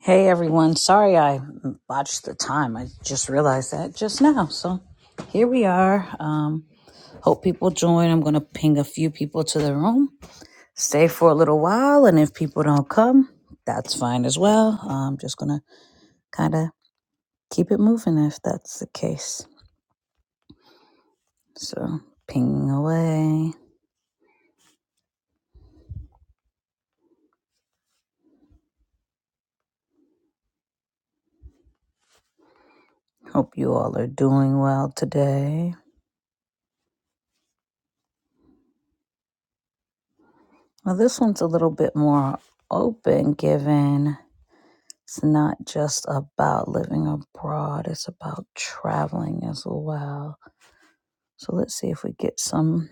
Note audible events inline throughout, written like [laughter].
Hey everyone, sorry I botched the time. I just realized that just now. So here we are. Um, hope people join. I'm going to ping a few people to the room. Stay for a little while, and if people don't come, that's fine as well. I'm just going to kind of keep it moving if that's the case. So ping away. Hope you all are doing well today. Well, this one's a little bit more open given It's not just about living abroad, it's about traveling as well. So let's see if we get some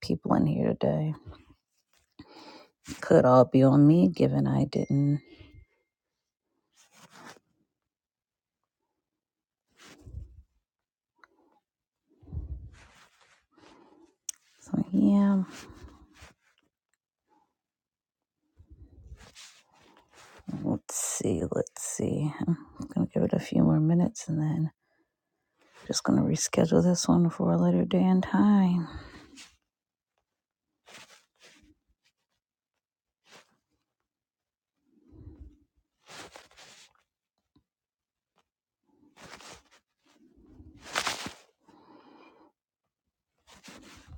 people in here today. Could all be on me given I didn't. So yeah, let's see, let's see. I'm gonna give it a few more minutes and then just gonna reschedule this one for a later day and time.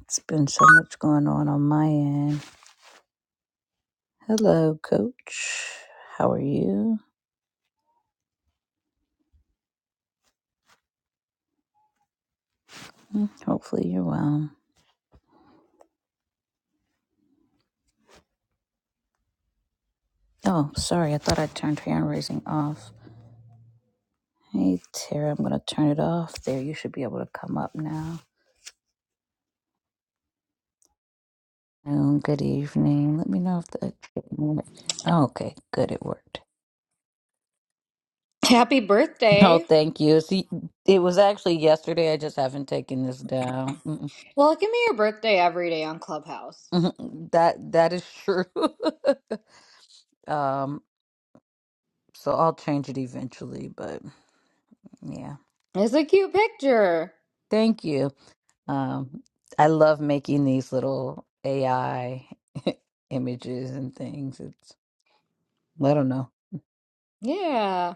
It's been so much going on on my end. Hello, coach. How are you? Mm, Hopefully you're well. Oh, sorry. I thought I turned hand raising off. Hey, Tara, I'm going to turn it off there. You should be able to come up now. Um, good evening. Let me know if that did Oh, okay, good. It worked. [laughs] Happy No, birthday. thank you. See, it was actually yesterday. I just haven't taken this down. Mm-mm. Well, give me your birthday every day on Clubhouse. Mhm. That that is true. [laughs] um, so I'll change it eventually. But yeah, It's a cute picture. thank you. Um, I love making these little AI [laughs] images and things. It's I don't know. Yeah.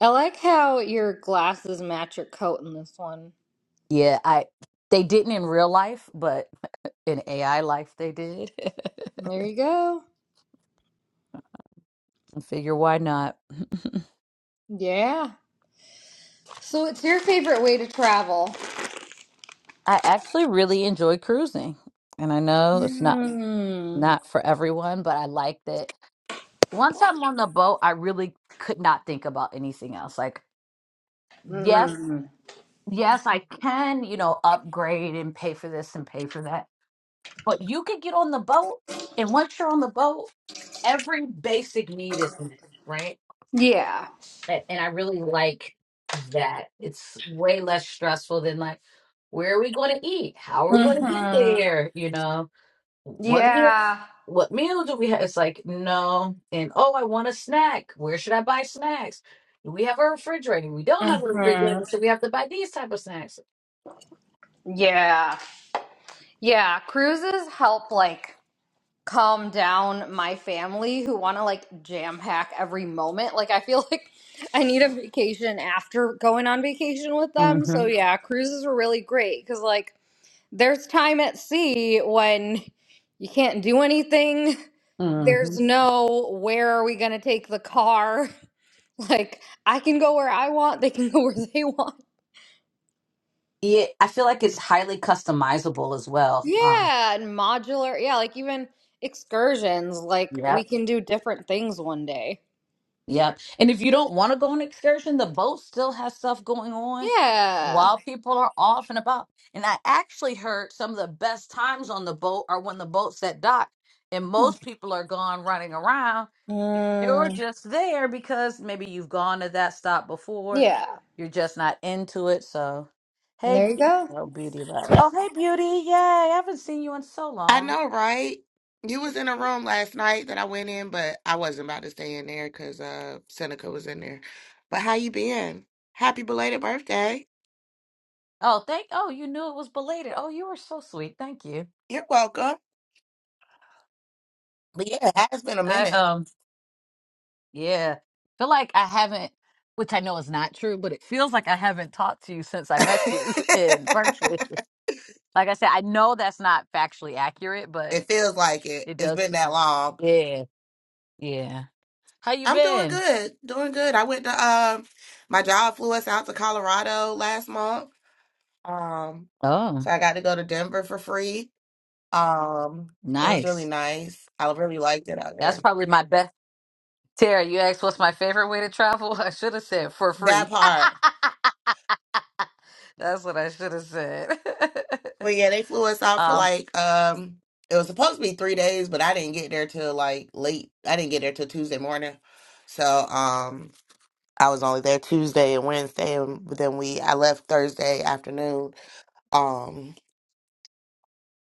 I like how your glasses match your coat in this one. Yeah, I they didn't in real life, but [laughs] in AI life they did. [laughs] There you go. Figure why not? Yeah. So it's your favorite way to travel. [laughs] I actually really enjoy cruising. And I know it's not Mm. not for everyone, but I like that once I'm on the boat, I really could not think about anything else. Like, yes, Mm. yes, I can, you know, upgrade and pay for this and pay for that But you could get on the boat, and once you're on the boat, every basic need is met, right? Yeah. A- And I really like that. It's way less stressful than like, where are we going to eat? How are we going to get hmm there? You know, what meal? Yeah. What meal do we have? It's like no, and oh, I want a snack. Where should I buy snacks? Do we have a refrigerator? We don't have a hmm refrigerator, so we have to buy these type of snacks. Yeah. Yeah. Cruises help like calm down my family who want to like jam pack every moment. Like I feel [laughs] like I need a vacation after going on vacation with them. So hmm yeah, cruises are really great cuz like there's time at sea when you can't do anything. hmm There's no where are we going to take the car? [laughs] Like I can go where I want, they can [laughs] go where they want. Yeah, I feel like it's highly customizable as well. um, Yeah, and modular. Yeah, like even excursions, like we Yep. can do different things one day. Yep. And if you don't want to go on excursion, the boat still has stuff going on Yeah. while people are off and about. And I actually heard some of the best times on the boat are when the boat's at dock and most people are gone running around. You're Mm, just there because maybe you've gone to that stop before. yeah, You're just not into it. So, hey, there you Be- go. oh, Beauty Love. Oh, hey, Beauty. Yay. I haven't seen you in so I long. know, right? You was in a room last night that I went in, but I wasn't about to stay in there because uh Seneca was in there. But how you been? Happy belated birthday. Oh, thank. Oh, you knew it was belated. Oh, you were so sweet. Thank you. You're welcome. But yeah, it has been a I minute. um yeah feel like I haven't, which I know is not true, but it feels like I haven't talked to you since [laughs] I met you [laughs] in virtual. it Like I said, I know that's not factually accurate, but feels like it. it It's does. been that long. Yeah, yeah. How you I'm doing been? good. Doing good. I went to um my job flew us out to Colorado last month. Um Oh, so I got to go to Denver for free. Um it was really nice. nice. I really liked it out That's there. probably my best. Tara, you asked what's my favorite way to travel. [laughs] I should have said for That free. part. [laughs] That's what I should have said. But yeah, they flew us [laughs] out for um, like um it was supposed to be three days, but I didn't get there till like late. I didn't get there till Tuesday morning. So um I was only there Tuesday and Wednesday and then we I left Thursday afternoon. Um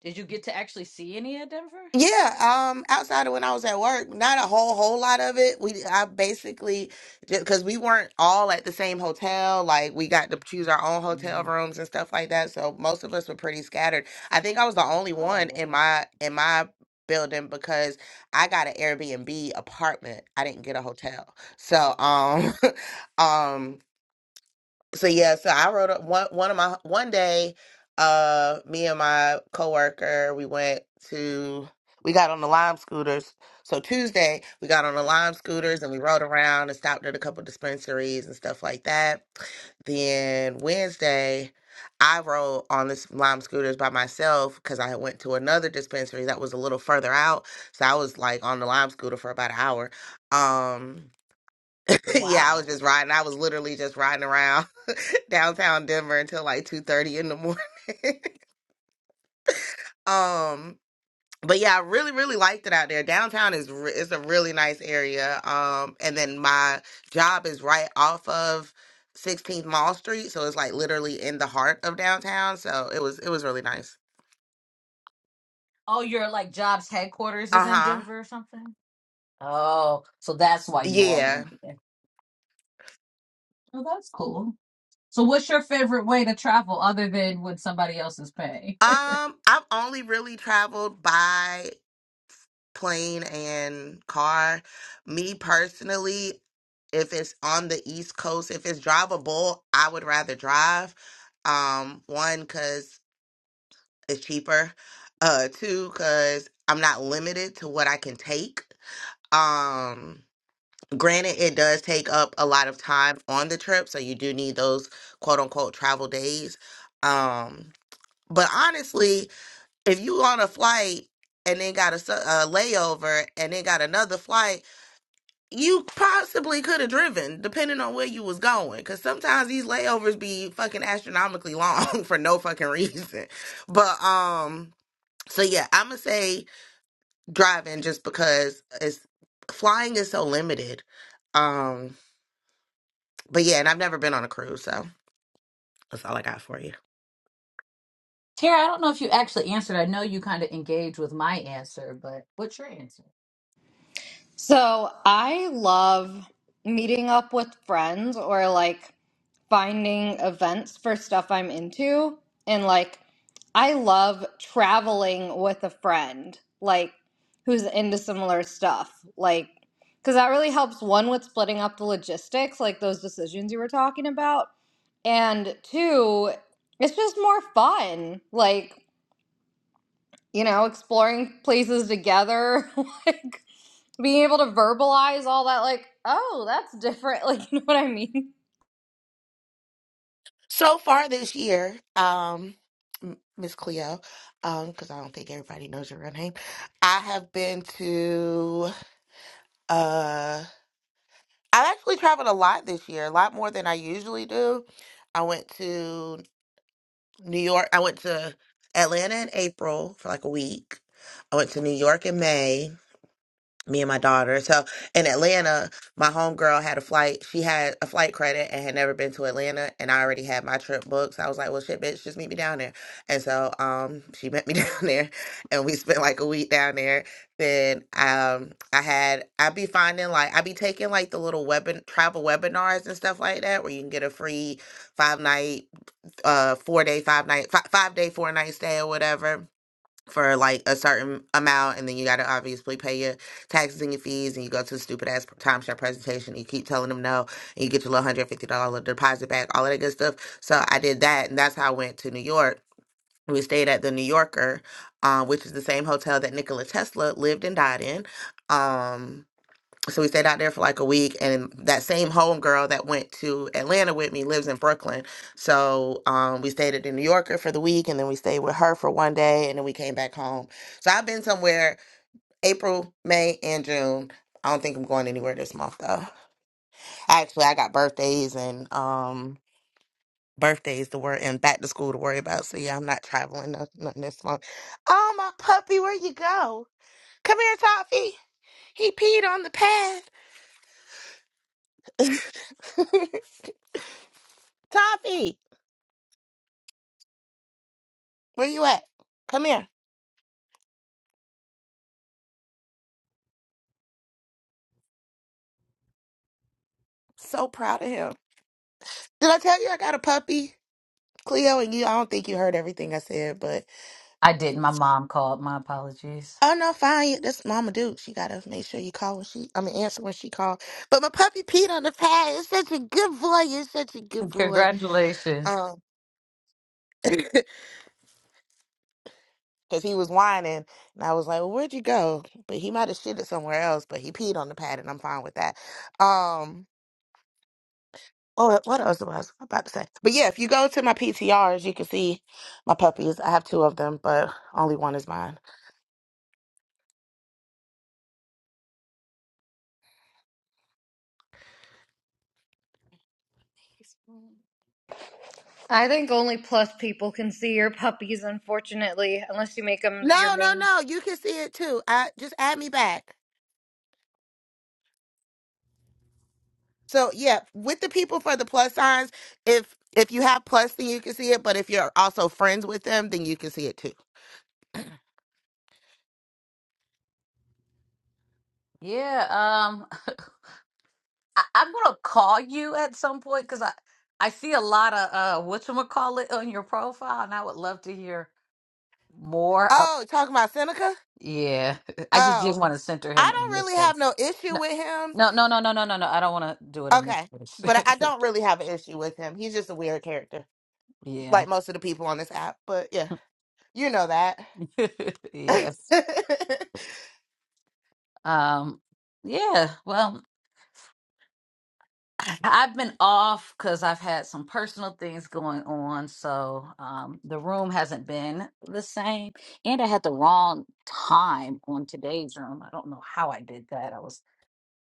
did you get to actually see any of Denver? Yeah, um, outside of when I was at work, not a whole whole lot of it. We I basically just because we weren't all at the same hotel, like we got to choose our own hotel Mhm. rooms and stuff like that. So most of us were pretty scattered. I think I was the only Oh, one in wow. my in my building because I got an Airbnb apartment. I didn't get a hotel. So Oh, um [laughs] um so yeah, so I wrote up one one of my one day, uh, me and my coworker, we went to we got on the Lime scooters. So Tuesday, we got on the Lime scooters and we rode around and stopped at a couple dispensaries and stuff like that. Then Wednesday, I rode on this Lime scooters by myself because I had went to another dispensary that was a little further out. So I was like on the Lime scooter for about an hour. Um [laughs] yeah, I was wow. just riding. I was literally just riding around [laughs] downtown Denver until like 2:30 in the morning. [laughs] um but yeah, I really really liked it out there. Downtown is re- it's a really nice area. Um and then my job is right off of 16th Mall Street, so it's like literally in the heart of downtown, so it was it was really nice. Oh, your like job's headquarters is in Uh-huh. Denver or something? Oh, so that's why you all were Yeah. there. Oh, that's cool. So, what's your favorite way to travel other than with somebody else's pay? [laughs] Um I've only really traveled by plane and car. Me personally, if it's on the East Coast, if it's drivable, I would rather drive. Um, one, because it's cheaper. Uh, two, because I'm not limited to what I can take. Um, granted, it does take up a lot of time on the trip, so you do need those quote unquote travel days. Um, but honestly, if you on a flight and then got a, s- a layover and then got another flight, you possibly could have driven depending on where you was going because sometimes these layovers be fucking astronomically long [laughs] for no fucking reason but um so yeah i'm gonna say driving just because it's flying is so limited um but yeah and i've never been on a cruise so that's all i got for you Tara, I don't know if you actually answered. I know you kind of engaged with my answer, but what's your answer? So I love meeting up with friends or like finding events for stuff I'm into. And like, I love traveling with a friend, like, who's into similar stuff. Like, because that really helps one with splitting up the logistics, like those decisions you were talking about. And two, it's just more fun. Like, you know, exploring places together, [laughs] like being able to verbalize all that, like, oh, that's different. [laughs] Like, you know what I mean? so far this year um M- miss cleo um because i don't think everybody knows your real name i have been to uh. I've actually traveled a lot this year, a lot more than I usually do. I went to New York. I went to Atlanta in April for like a week. I went to New York in May me and my daughter. So in Atlanta, my homegirl had a flight. She had a flight credit and had never been to Atlanta, and I already had my trip booked. So I was like, "Well, shit, bitch, just meet me down there." And so, um, she met me [laughs] down there, and we spent like a week down there. Then, um, I had I be finding like I be taking like the little webin travel webinars and stuff like that, where you can get a free five night, uh, four day, five night, five, five day, four night stay or whatever for like a certain amount and then you got to obviously pay your taxes and your fees and you go to the stupid ass timeshare presentation and you keep telling them no and you get your little $150 deposit back all of that good stuff so i did that and that's how i went to new york we stayed at the new yorker uh, which is the same hotel that nikola tesla lived and died in um, so we stayed out there for like a week and that same homegirl that went to atlanta with me lives in brooklyn so um, we stayed at the new yorker for the week and then we stayed with her for one day and then we came back home so i've been somewhere april may and june i don't think i'm going anywhere this month though actually i got birthdays and um, birthdays to worry and back to school to worry about so yeah i'm not traveling noth- nothing this month oh my puppy where you go come here toffee he peed on the pad [laughs] Toffee, where you at? Come here. So proud of him. Did I tell you I got a puppy, Cleo? And you, I don't think you heard everything I said, but I didn't. My mom called. My apologies. oh no, fine. That's Mama Duke. She gotta make sure you call when she. I mean, answer when she called. But my puppy peed on the pad. It's such a good boy. It's such a good boy. Congratulations. Um, [coughs] [laughs] because he was whining, and I was like, well, "Where'd you go?" But he might have shitted somewhere else. But he peed on the pad, and I'm fine with that. Um. Oh, what else was I about to say? But yeah, if you go to my PTRs, you can see my puppies. I have two of them, but only one is mine. I think only plus people can see your puppies, unfortunately, unless you make them your No, no, main. no. You can see it too. I just add me back. So yeah, with the people for the plus signs, if if you have plus, then you can see it. But if you're also friends with them, then you can see it too. Yeah. Um. [laughs] I, I'm gonna call you at some point because I I see a lot of uh whatchamacallit on your profile and I would love to hear more. Uh, Oh, talking about Seneca. yeah. [laughs] I just Oh, didn't want to center him I in your don't really have space. no issue with him. No no no no no no no no. I don't wanna do it in Okay, this but I I space. don't really have an issue with him. He's just a weird character, [laughs] yeah. like most of the people on this app. But yeah. You know that. [laughs] [laughs] yes. Um yeah. Well I've been off because I've had some personal things going on, so um, the room hasn't been the same. And I had the wrong time on today's room. I don't know how I did that. I was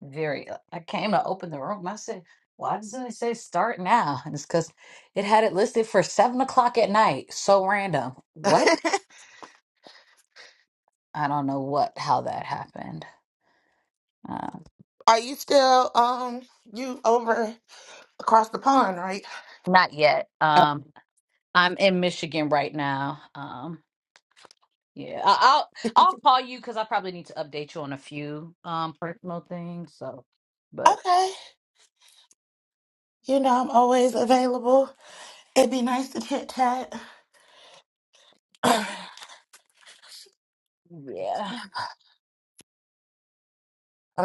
very. uh, I came to open the room. I said, "Why doesn't it say start now?" And it's because it had it listed for seven o'clock at night. So random. What? I don't know what how that happened. Uh, Are you still um you over across the pond, right? not yet. Uh, Um, I'm in Michigan right now. Um, Yeah, I- I'll I'll call you because I probably need to update you on a few um personal things. So, but Okay. You know I'm always available. It'd be nice to chit chat. [clears throat] I'm yeah.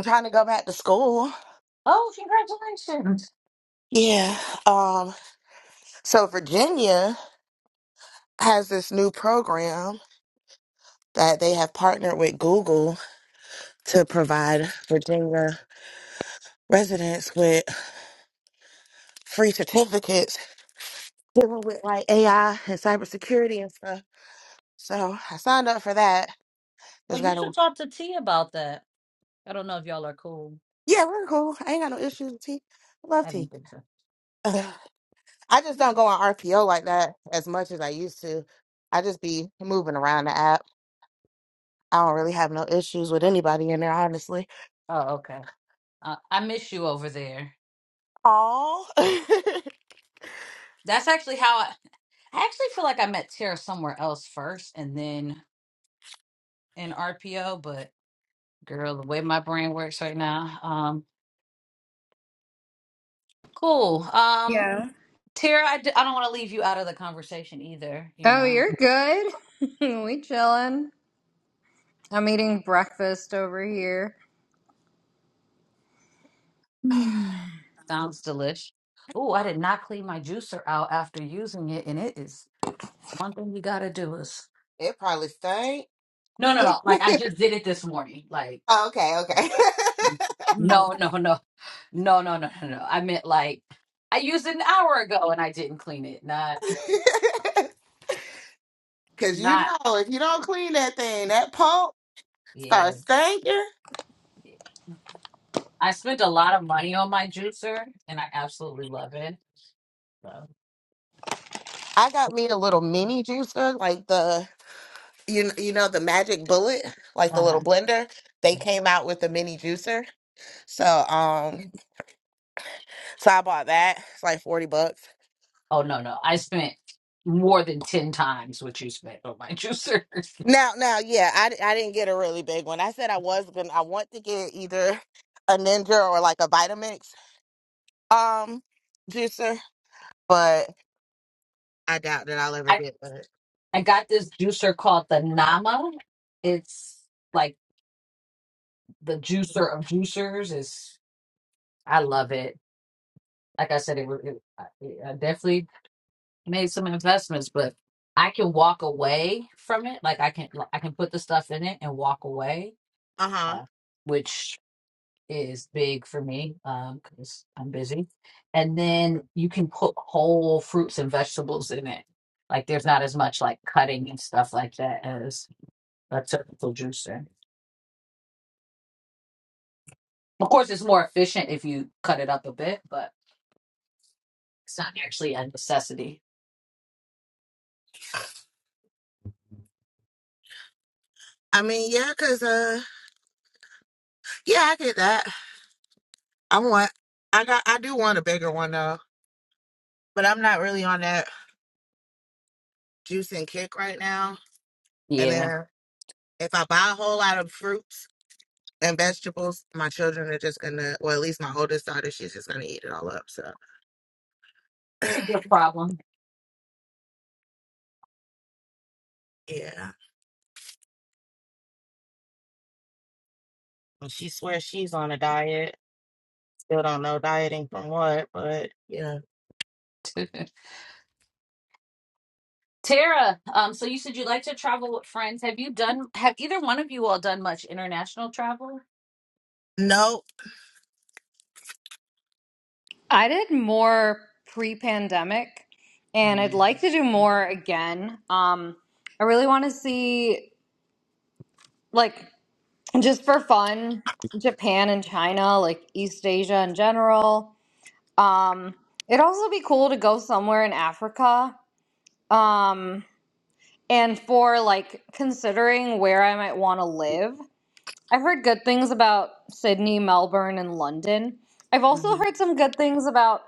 trying to go back to school. Oh, congratulations! Yeah. Um so Virginia has this new program that they have partnered with Google to provide Virginia residents with free certificates dealing with like AI and cybersecurity and stuff. So I signed up for that. Oh, Just you gotta, should talk to T about that. I don't know if y'all are cool. yeah, we're cool. I ain't got no issues with tea. I love I don't tea. think so. Ugh. I just don't go on RPO like that as much as I used to. I just be moving around the app. I don't really have no issues with anybody in there, honestly. Oh, okay. Uh, I miss you over there. Oh, [laughs] That's actually how I, I actually feel like I met Tara somewhere else first, and then in RPO. But girl, the way my brain works right now, um, cool. Um, Yeah. Tara, I d I don't want to leave you out of the conversation either. You Oh, know. you're good. [laughs] we chilling. I'm eating breakfast over here. Sounds delish. Oh, I did not clean my juicer out after using it, and it is one thing you gotta do is it probably stink. no, no, [laughs] no. Like I just did it this morning. Like oh, okay, okay. no, no, no, no, no, no, no, no. I meant like I used it an hour ago and I didn't clean it. Not, [laughs] Cause you not. know, if you don't clean that thing, that pulp Yeah, starts stinking. yeah. I spent a lot of money on my juicer, and I absolutely love it. So, I got me a little mini juicer, like the you kn- you know the Magic Bullet, like the little uh-huh. blender. They came out with the mini juicer, so um, so I bought that. It's like forty bucks. oh no, no, I spent more than ten times what you spent on my [laughs] juicer. Now, now, yeah, I, di- I didn't get a really big one. I said I was gonna. I want to get either a Ninja or like a Vitamix um juicer, but I doubt that I'll ever get that. I got this juicer called the Nama. It's like the juicer of juicers. Is I love it. Like I said, it, it I I definitely made some investments, but I can walk away from it. Like I can I can put the stuff in it and walk away, Uh huh. uh, which is big for me because I'm busy. And then you can put whole fruits and vegetables in it. Like there's not as much like cutting and stuff like that as a typical juicer. Of course, it's more efficient if you cut it up a bit, but it's not actually a necessity. I mean, yeah, cause uh, yeah, I get that. I want, I got, I do want a bigger one though, but I'm not really on that juice and kick right now. And Yeah, then if I buy a whole lot of fruits and vegetables, my children are just gonna, well, at least my oldest daughter, she's just gonna eat it all up. So, [clears throat] it's a good problem. yeah. Well, she swears she's on a diet. Still don't know dieting from what, but yeah. [laughs] Tara, um, so you said you like to travel with friends. Have you done? Have either one of you all done much international travel? No, I did more pre-pandemic, and I'd Mm, like to do more again. Um, I really want to see like just for fun, Japan and China, like East Asia in general. Um, it'd also be cool to go somewhere in Africa. Um, and for like considering where I might want to live, I've heard good things about Sydney, Melbourne, and London. I've mhm. also heard some good things about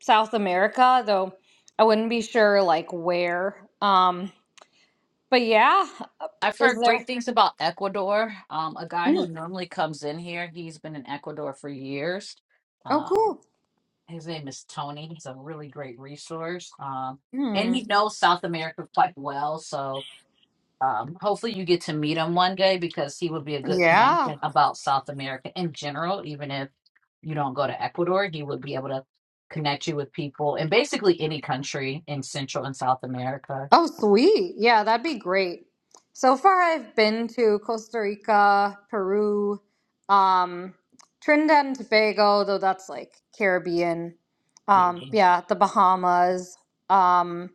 South America, though I wouldn't be sure like where. Um, but yeah, I've is heard there? great things about Ecuador. Um, a guy who Mm. normally comes in here, he's been in Ecuador for years. Oh, Um, cool. his name is Tony. He's a really great resource. Um, and Hmm. he knows South America quite well. So um, hopefully you get to meet him one day because he would be a good Yeah. connection about South America in general, even if you don't go to Ecuador, he would be able to connect you with people in basically any country in Central and South America. Oh, sweet. Yeah, that'd be great. So far, I've been to Costa Rica, Peru, um, Trinidad and Tobago, though that's like Caribbean. Yeah. Um, yeah, the Bahamas, um,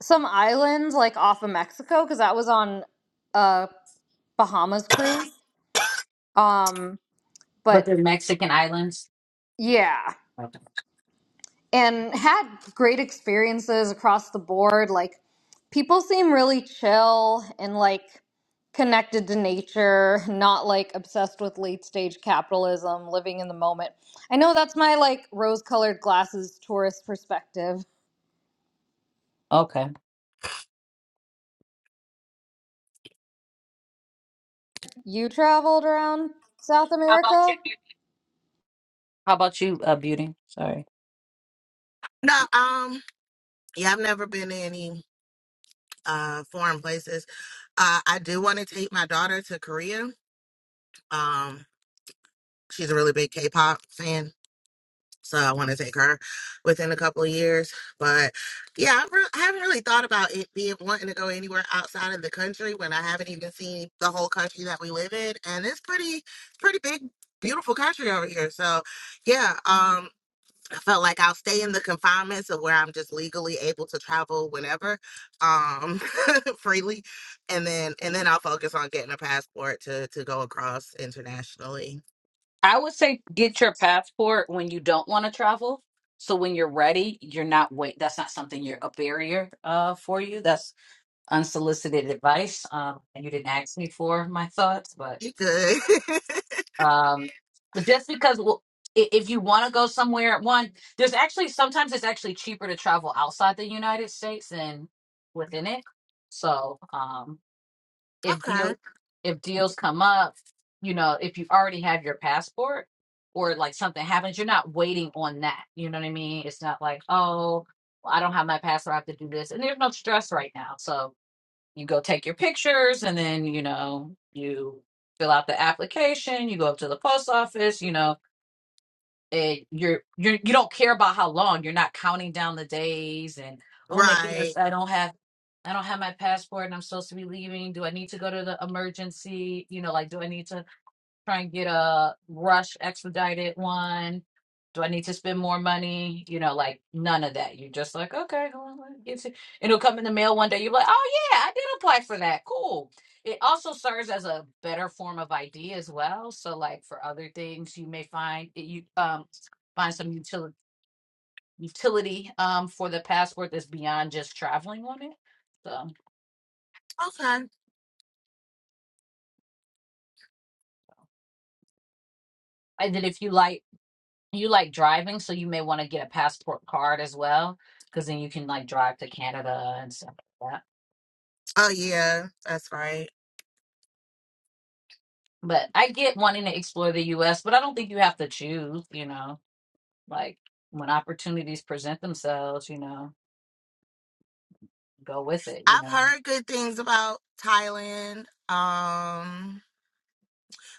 some islands like off of Mexico, because that was on a Bahamas cruise. Um, But but they're Mexican islands. yeah. and had great experiences across the board. Like people seem really chill and like connected to nature, not like obsessed with late stage capitalism, living in the moment. I know that's my like rose colored glasses tourist perspective. Okay. You traveled around South How about you? America? Beauty? How about you, uh, Beauty? Sorry. no. Um, yeah, I've never been to any uh foreign places. Uh, I do want to take my daughter to Korea Um, she's a really big K-pop fan, so I want to take her within a couple of years. But yeah, I, re- I haven't really thought about it being wanting to go anywhere outside of the country when I haven't even seen the whole country that we live in, and it's pretty, it's pretty big, beautiful country over here. So yeah, um, I felt like I'll stay in the confinements of where I'm just legally able to travel whenever, um, [laughs] freely, and then and then I'll focus on getting a passport to to go across internationally. I would say get your passport when you don't want to travel. So when you're ready, you're not wait. That's not something you're a barrier uh, for you. That's unsolicited advice, um, and you didn't ask me for my thoughts. But You good? [laughs] um, but just because well, i- if you want to go somewhere, one there's actually sometimes it's actually cheaper to travel outside the United States than within it. So um, if deal okay. if deals come up, you know, if you already have your passport or like something happens, you're not waiting on that. You know what I mean? It's not like, oh, well, I don't have my passport, I have to do this. And there's no stress right now. So you go take your pictures and then, you know, you fill out the application, you go up to the post office, you know, and you're you're you don't care about how long you're not counting down the days and oh my Right. goodness i don't have i don't have my passport and i'm supposed to be leaving do i need to go to the emergency you know like do i need to try and get a rush expedited one? Do I need to spend more money? You know, like none of that. You're just like, okay, well, let me get it. It'll come in the mail one day. You're like, oh yeah, I did apply for that. Cool. It also serves as a better form of ID as well. So, like for other things, you may find it, you um find some utility utility um for the passport that's beyond just traveling on it. So, Okay. and then if you like you like driving, so you may want to get a passport card as well, because then you can like drive to Canada and stuff like that. Oh yeah, that's right. But I get wanting to explore the US, but I don't think you have to choose, you know, like when opportunities present themselves, you know, go with it, you I've know. heard good things about Thailand. Um,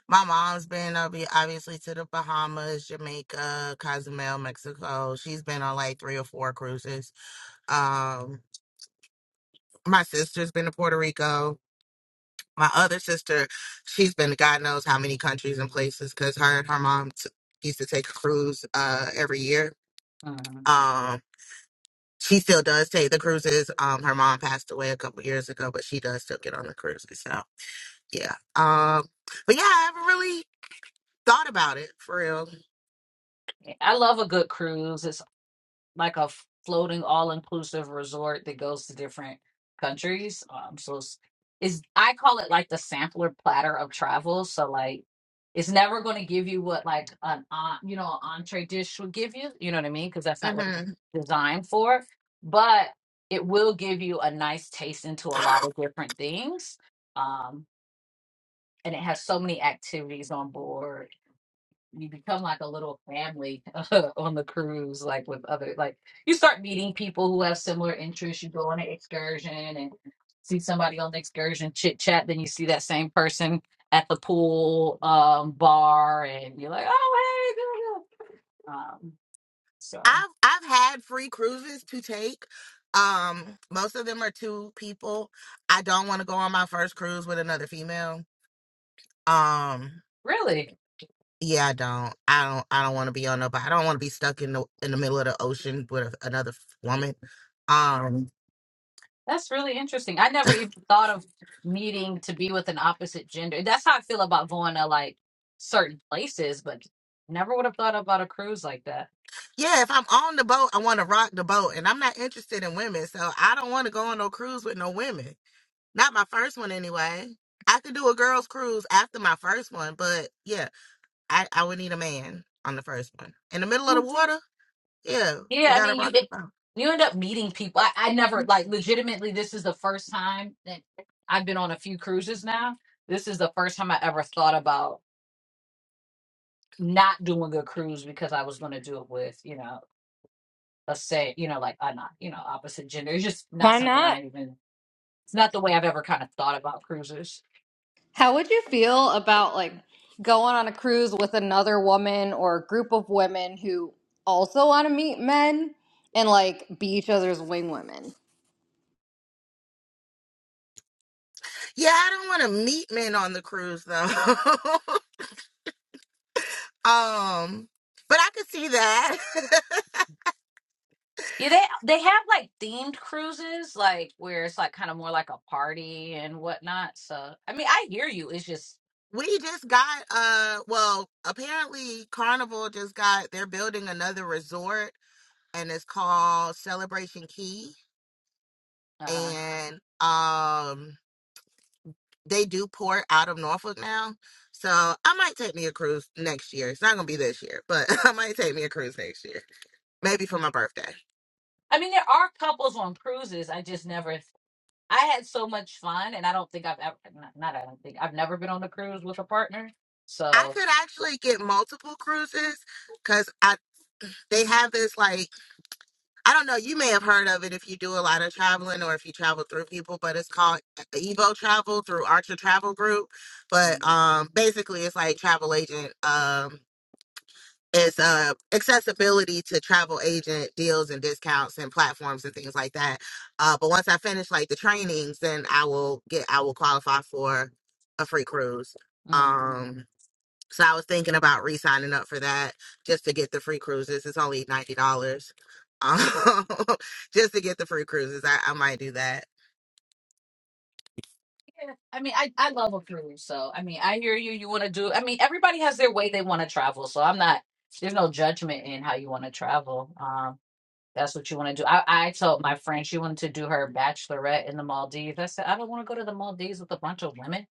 my mom's been obvi- obviously to the Bahamas, Jamaica, Cozumel, Mexico. She's been on like three or four cruises. Um, my sister's been to Puerto Rico. My other sister, she's been to God knows how many countries and places because her and her mom t- used to take a cruise uh, every year. Mhm. Um, she still does take the cruises. Um, her mom passed away a couple years ago, but she does still get on the cruises. So. yeah. Um, but yeah, I haven't really thought about it for real. I love a good cruise. It's like a f- floating all-inclusive resort that goes to different countries. Um, so it's, it's I call it like the sampler platter of travel. So like it's never going to give you what like an en- you know an entree dish would give you. You know what I mean? Because that's not what it's hmm designed for. But it will give you a nice taste into a lot of different things. Um, and it has so many activities on board you become like a little family [laughs] uh, on the cruise like with other like you start meeting people who have similar interests you go on an excursion and see somebody on the excursion chit chat then you see that same person at the pool um bar and you're like oh hey girl." um so I've I've had free cruises to take. Um, most of them are two people. I don't want to go on my first cruise with another female. Um, really yeah, I don't. I don't. I don't want to be on up. I don't want to be stuck in the in the middle of the ocean with a, another woman. Um, that's really interesting i never even thought of needing to be with an opposite gender that's how i feel about going to like certain places but never would have thought about a cruise like that yeah, if I'm on the boat, I want to rock the boat, and I'm not interested in women, so I don't want to go on no cruise with no women. Not my first one anyway. I could do a girls cruise after my first one, but yeah, I, I would need a man on the first one. In the middle of the Oh, water, yeah, we Yeah, I gotta mean, you rock the boat. you end up meeting people. I, I never like legitimately. This is the first time that I've been on a few cruises now. This is the first time I ever thought about not doing a cruise because I was going to do it with you know a say you know like I'm not you know opposite gender. It's just not Why something not? I even. It's not the way I've ever kind of thought about cruises. How would you feel about like going on a cruise with another woman or a group of women who also want to meet men and like be each other's wing women? Yeah, I don't want to meet men on the cruise though. [laughs] um, but I could see that. [laughs] Yeah, they they have like themed cruises, like where it's like kind of more like a party and whatnot. So I mean, I hear you. It's just, we just got uh well, apparently Carnival just got they're building another resort and it's called Celebration Key uh, and um they do port out of Norfolk now. So I might take me a cruise next year. It's not gonna be this year, but [laughs] I might take me a cruise next year. Maybe for my birthday. I mean, there are couples on cruises. I just never. I had so much fun, and I don't think I've ever. Not, not I don't think I've never been on a cruise with a partner. I So. could actually get multiple cruises because I they have this like I don't know, you may have heard of it if you do a lot of traveling or if you travel through people, but it's called Evo Travel through Archer Travel Group. But mm, um basically it's like travel agent um is uh, accessibility to travel agent deals and discounts and platforms and things like that. Uh, but once I finish like the trainings, then I will get I will qualify for a free cruise. Mm. Um, so I was thinking about re-signing up for that just to get the free cruises. It's only ninety dollars. Um, [laughs] just to get the free cruises, I, I might do that. Yeah, I mean, I, I love a cruise, so I mean, I hear you. You want to do, I mean, everybody has their way they want to travel, so I'm not, there's no judgment in how you want to travel. Um. That's what you want to do. I, I told my friend she wanted to do her bachelorette in the Maldives. I said, I don't want to go to the Maldives with a bunch of women.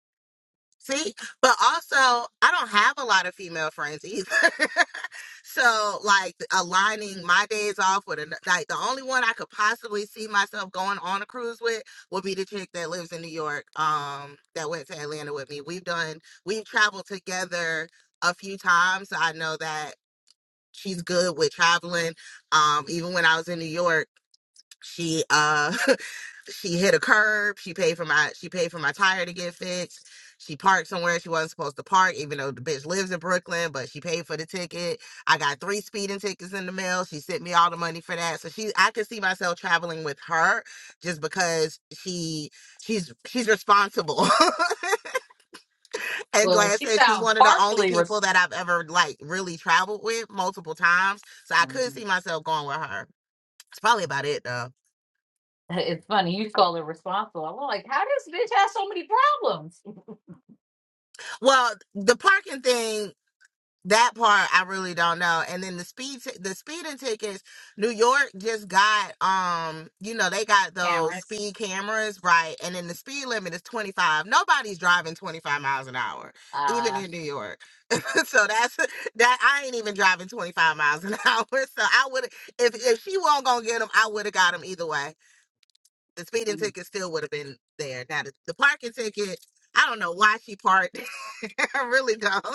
See, but also I don't have a lot of female friends either. [laughs] so like aligning my days off with an like the only one I could possibly see myself going on a cruise with would be the chick that lives in New York, um, that went to Atlanta with me. We've done we've traveled together a few times. So I know that she's good with traveling. Um, even when I was in New York. She uh [laughs] she hit a curb. She paid for my she paid for my tire to get fixed. She parked somewhere she wasn't supposed to park, even though the bitch lives in Brooklyn, but she paid for the ticket. I got three speeding tickets in the mail. She sent me all the money for that. So she I could see myself traveling with her just because she she's she's responsible. [laughs] and Well, like I she said, she's sounds one of the only partially res- people that I've ever like really traveled with multiple times. So I could Mhm. see myself going with her. It's probably about it though. [laughs] It's funny you call her responsible. I'm like, how does bitch have so many problems, Well, the parking thing, that part I really don't know. And then the speed, ti- the speeding tickets. New York just got, um, you know, they got [laughs] those Karen? speed cameras, right? And then the speed limit is twenty five. Nobody's driving twenty five miles an hour, even Uh, in New York. [laughs] so that's that. I ain't even driving twenty five miles an [laughs] hour. So I would, if if she wasn't gonna get them, I would have got them either way. The speeding ticket still would have been there. Now the, the parking ticket. I don't know why she parked. [laughs] I really don't.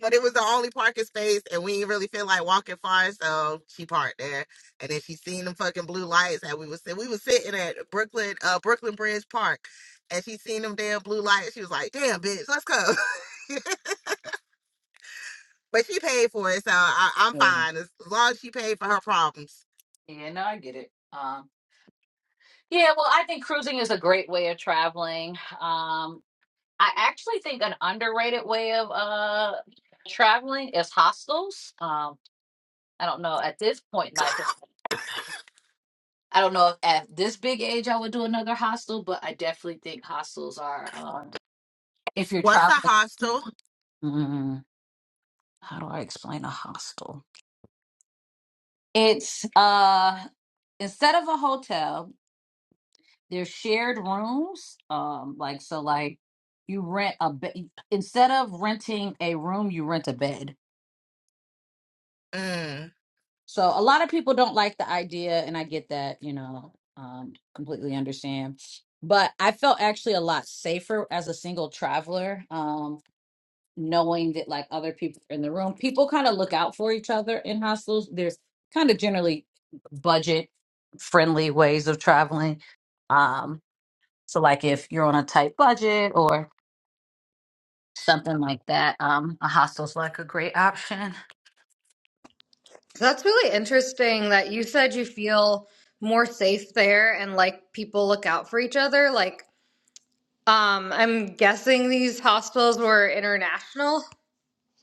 But it was the only parking space, and we didn't really feel like walking far, so she parked there. And then she seen them fucking blue lights that we was sit- we was sitting at Brooklyn uh Brooklyn Bridge Park, and she seen them damn blue lights. She was like, "Damn, bitch, let's go." [laughs] but she paid for it, so I, I'm Mhm. fine as, as long as she paid for her problems. yeah, no, I get it. Um, yeah, well, I think cruising is a great way of traveling. Um, I actually think an underrated way of uh traveling is hostels. Um, I don't know at this point in life. I don't know if at this big age I would do another hostel, but I definitely think hostels are um if you're What's a traveling. hostel? Mm, how do I explain a hostel? It's uh instead of a hotel, there's shared rooms. Um, like so, like you rent a bed instead of renting a room, you rent a bed. Mm. So a lot of people don't like the idea, and I get that. You know, um, completely understand. But I felt actually a lot safer as a single traveler. Um, knowing that like other people are in the room. People kind of look out for each other in hostels. There's kind of generally budget friendly ways of traveling. Um, so like if you're on a tight budget or something like that, um, a hostel's like a great option. That's really interesting that you said you feel more safe there and like people look out for each other. Like, um, I'm guessing these hostels were international.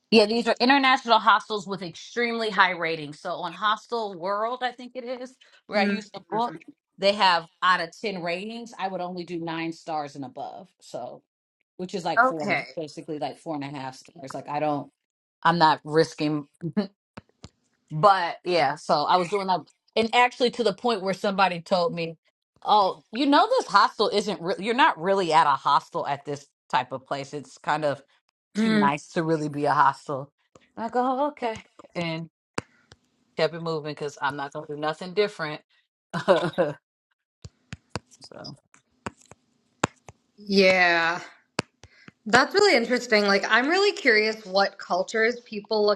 Yeah, these are international hostels with extremely high ratings. So on Hostel World, I think it is, where I Mm, used to book, they have out of 10 ratings, I would only do nine stars and above. So, which is like four and okay. a- basically like four and a half stars. Like I don't, I'm not risking. [laughs] But yeah, so I was doing that, and actually to the point where somebody told me, "Oh, you know, this hostel isn't. Re- you're not really at a hostel at this type of place. It's kind of too Mm, nice to really be a hostel." And I go, oh, "Okay," and kept it moving because I'm not gonna do nothing different. [laughs] so, yeah. That's really interesting. Like, I'm really curious what cultures people look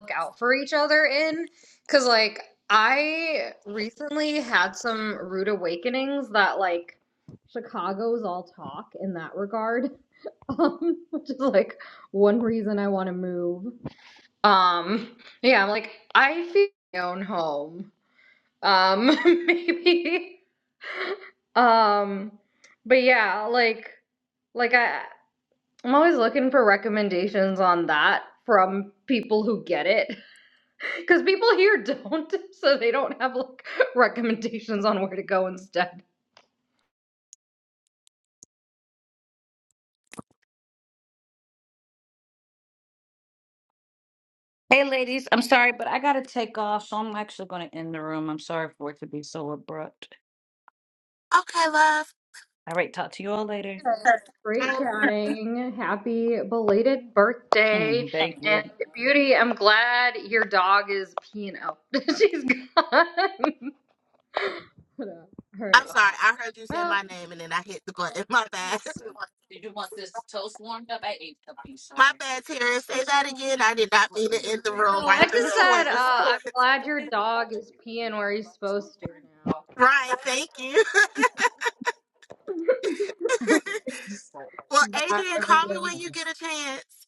look out for each other in because like i recently had some rude awakenings that like chicago's all talk in that regard [laughs] um which is like one reason i want to move um yeah i'm like i feel my own home um [laughs] maybe um but yeah like like i i'm always looking for recommendations on that from people who get it [laughs] Because people here [laughs] don't, so they don't have like recommendations on where to go instead. hey, ladies, I'm sorry, but I gotta take off, so I'm actually gonna end the room. I'm sorry for it to be so abrupt. Okay, love. All right, talk to you all later. Great Mm. chatting. Happy belated birthday. [laughs] Thank you. And Beauty, I'm glad your dog is peeing out. [laughs] She's gone. [laughs] All I'm right. sorry, I heard you say Well, my name, and then I hit the button. [laughs] My on the bad. set. Did you want this toast warmed up? I ate a piece [laughs] My already. bad, Tara. Say That's that fine. again. I did I'm not gonna mean to eat a end the bagel. room no, I right in just the middle of said your uh, I'm glad your dog is peeing where right he's supposed to now. Right. Thank you. [laughs] so- Well, Bye, Adrian, call me everyone. when you All get a chance.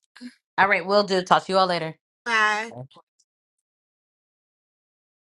right, we'll do. Talk to you all later. Bye.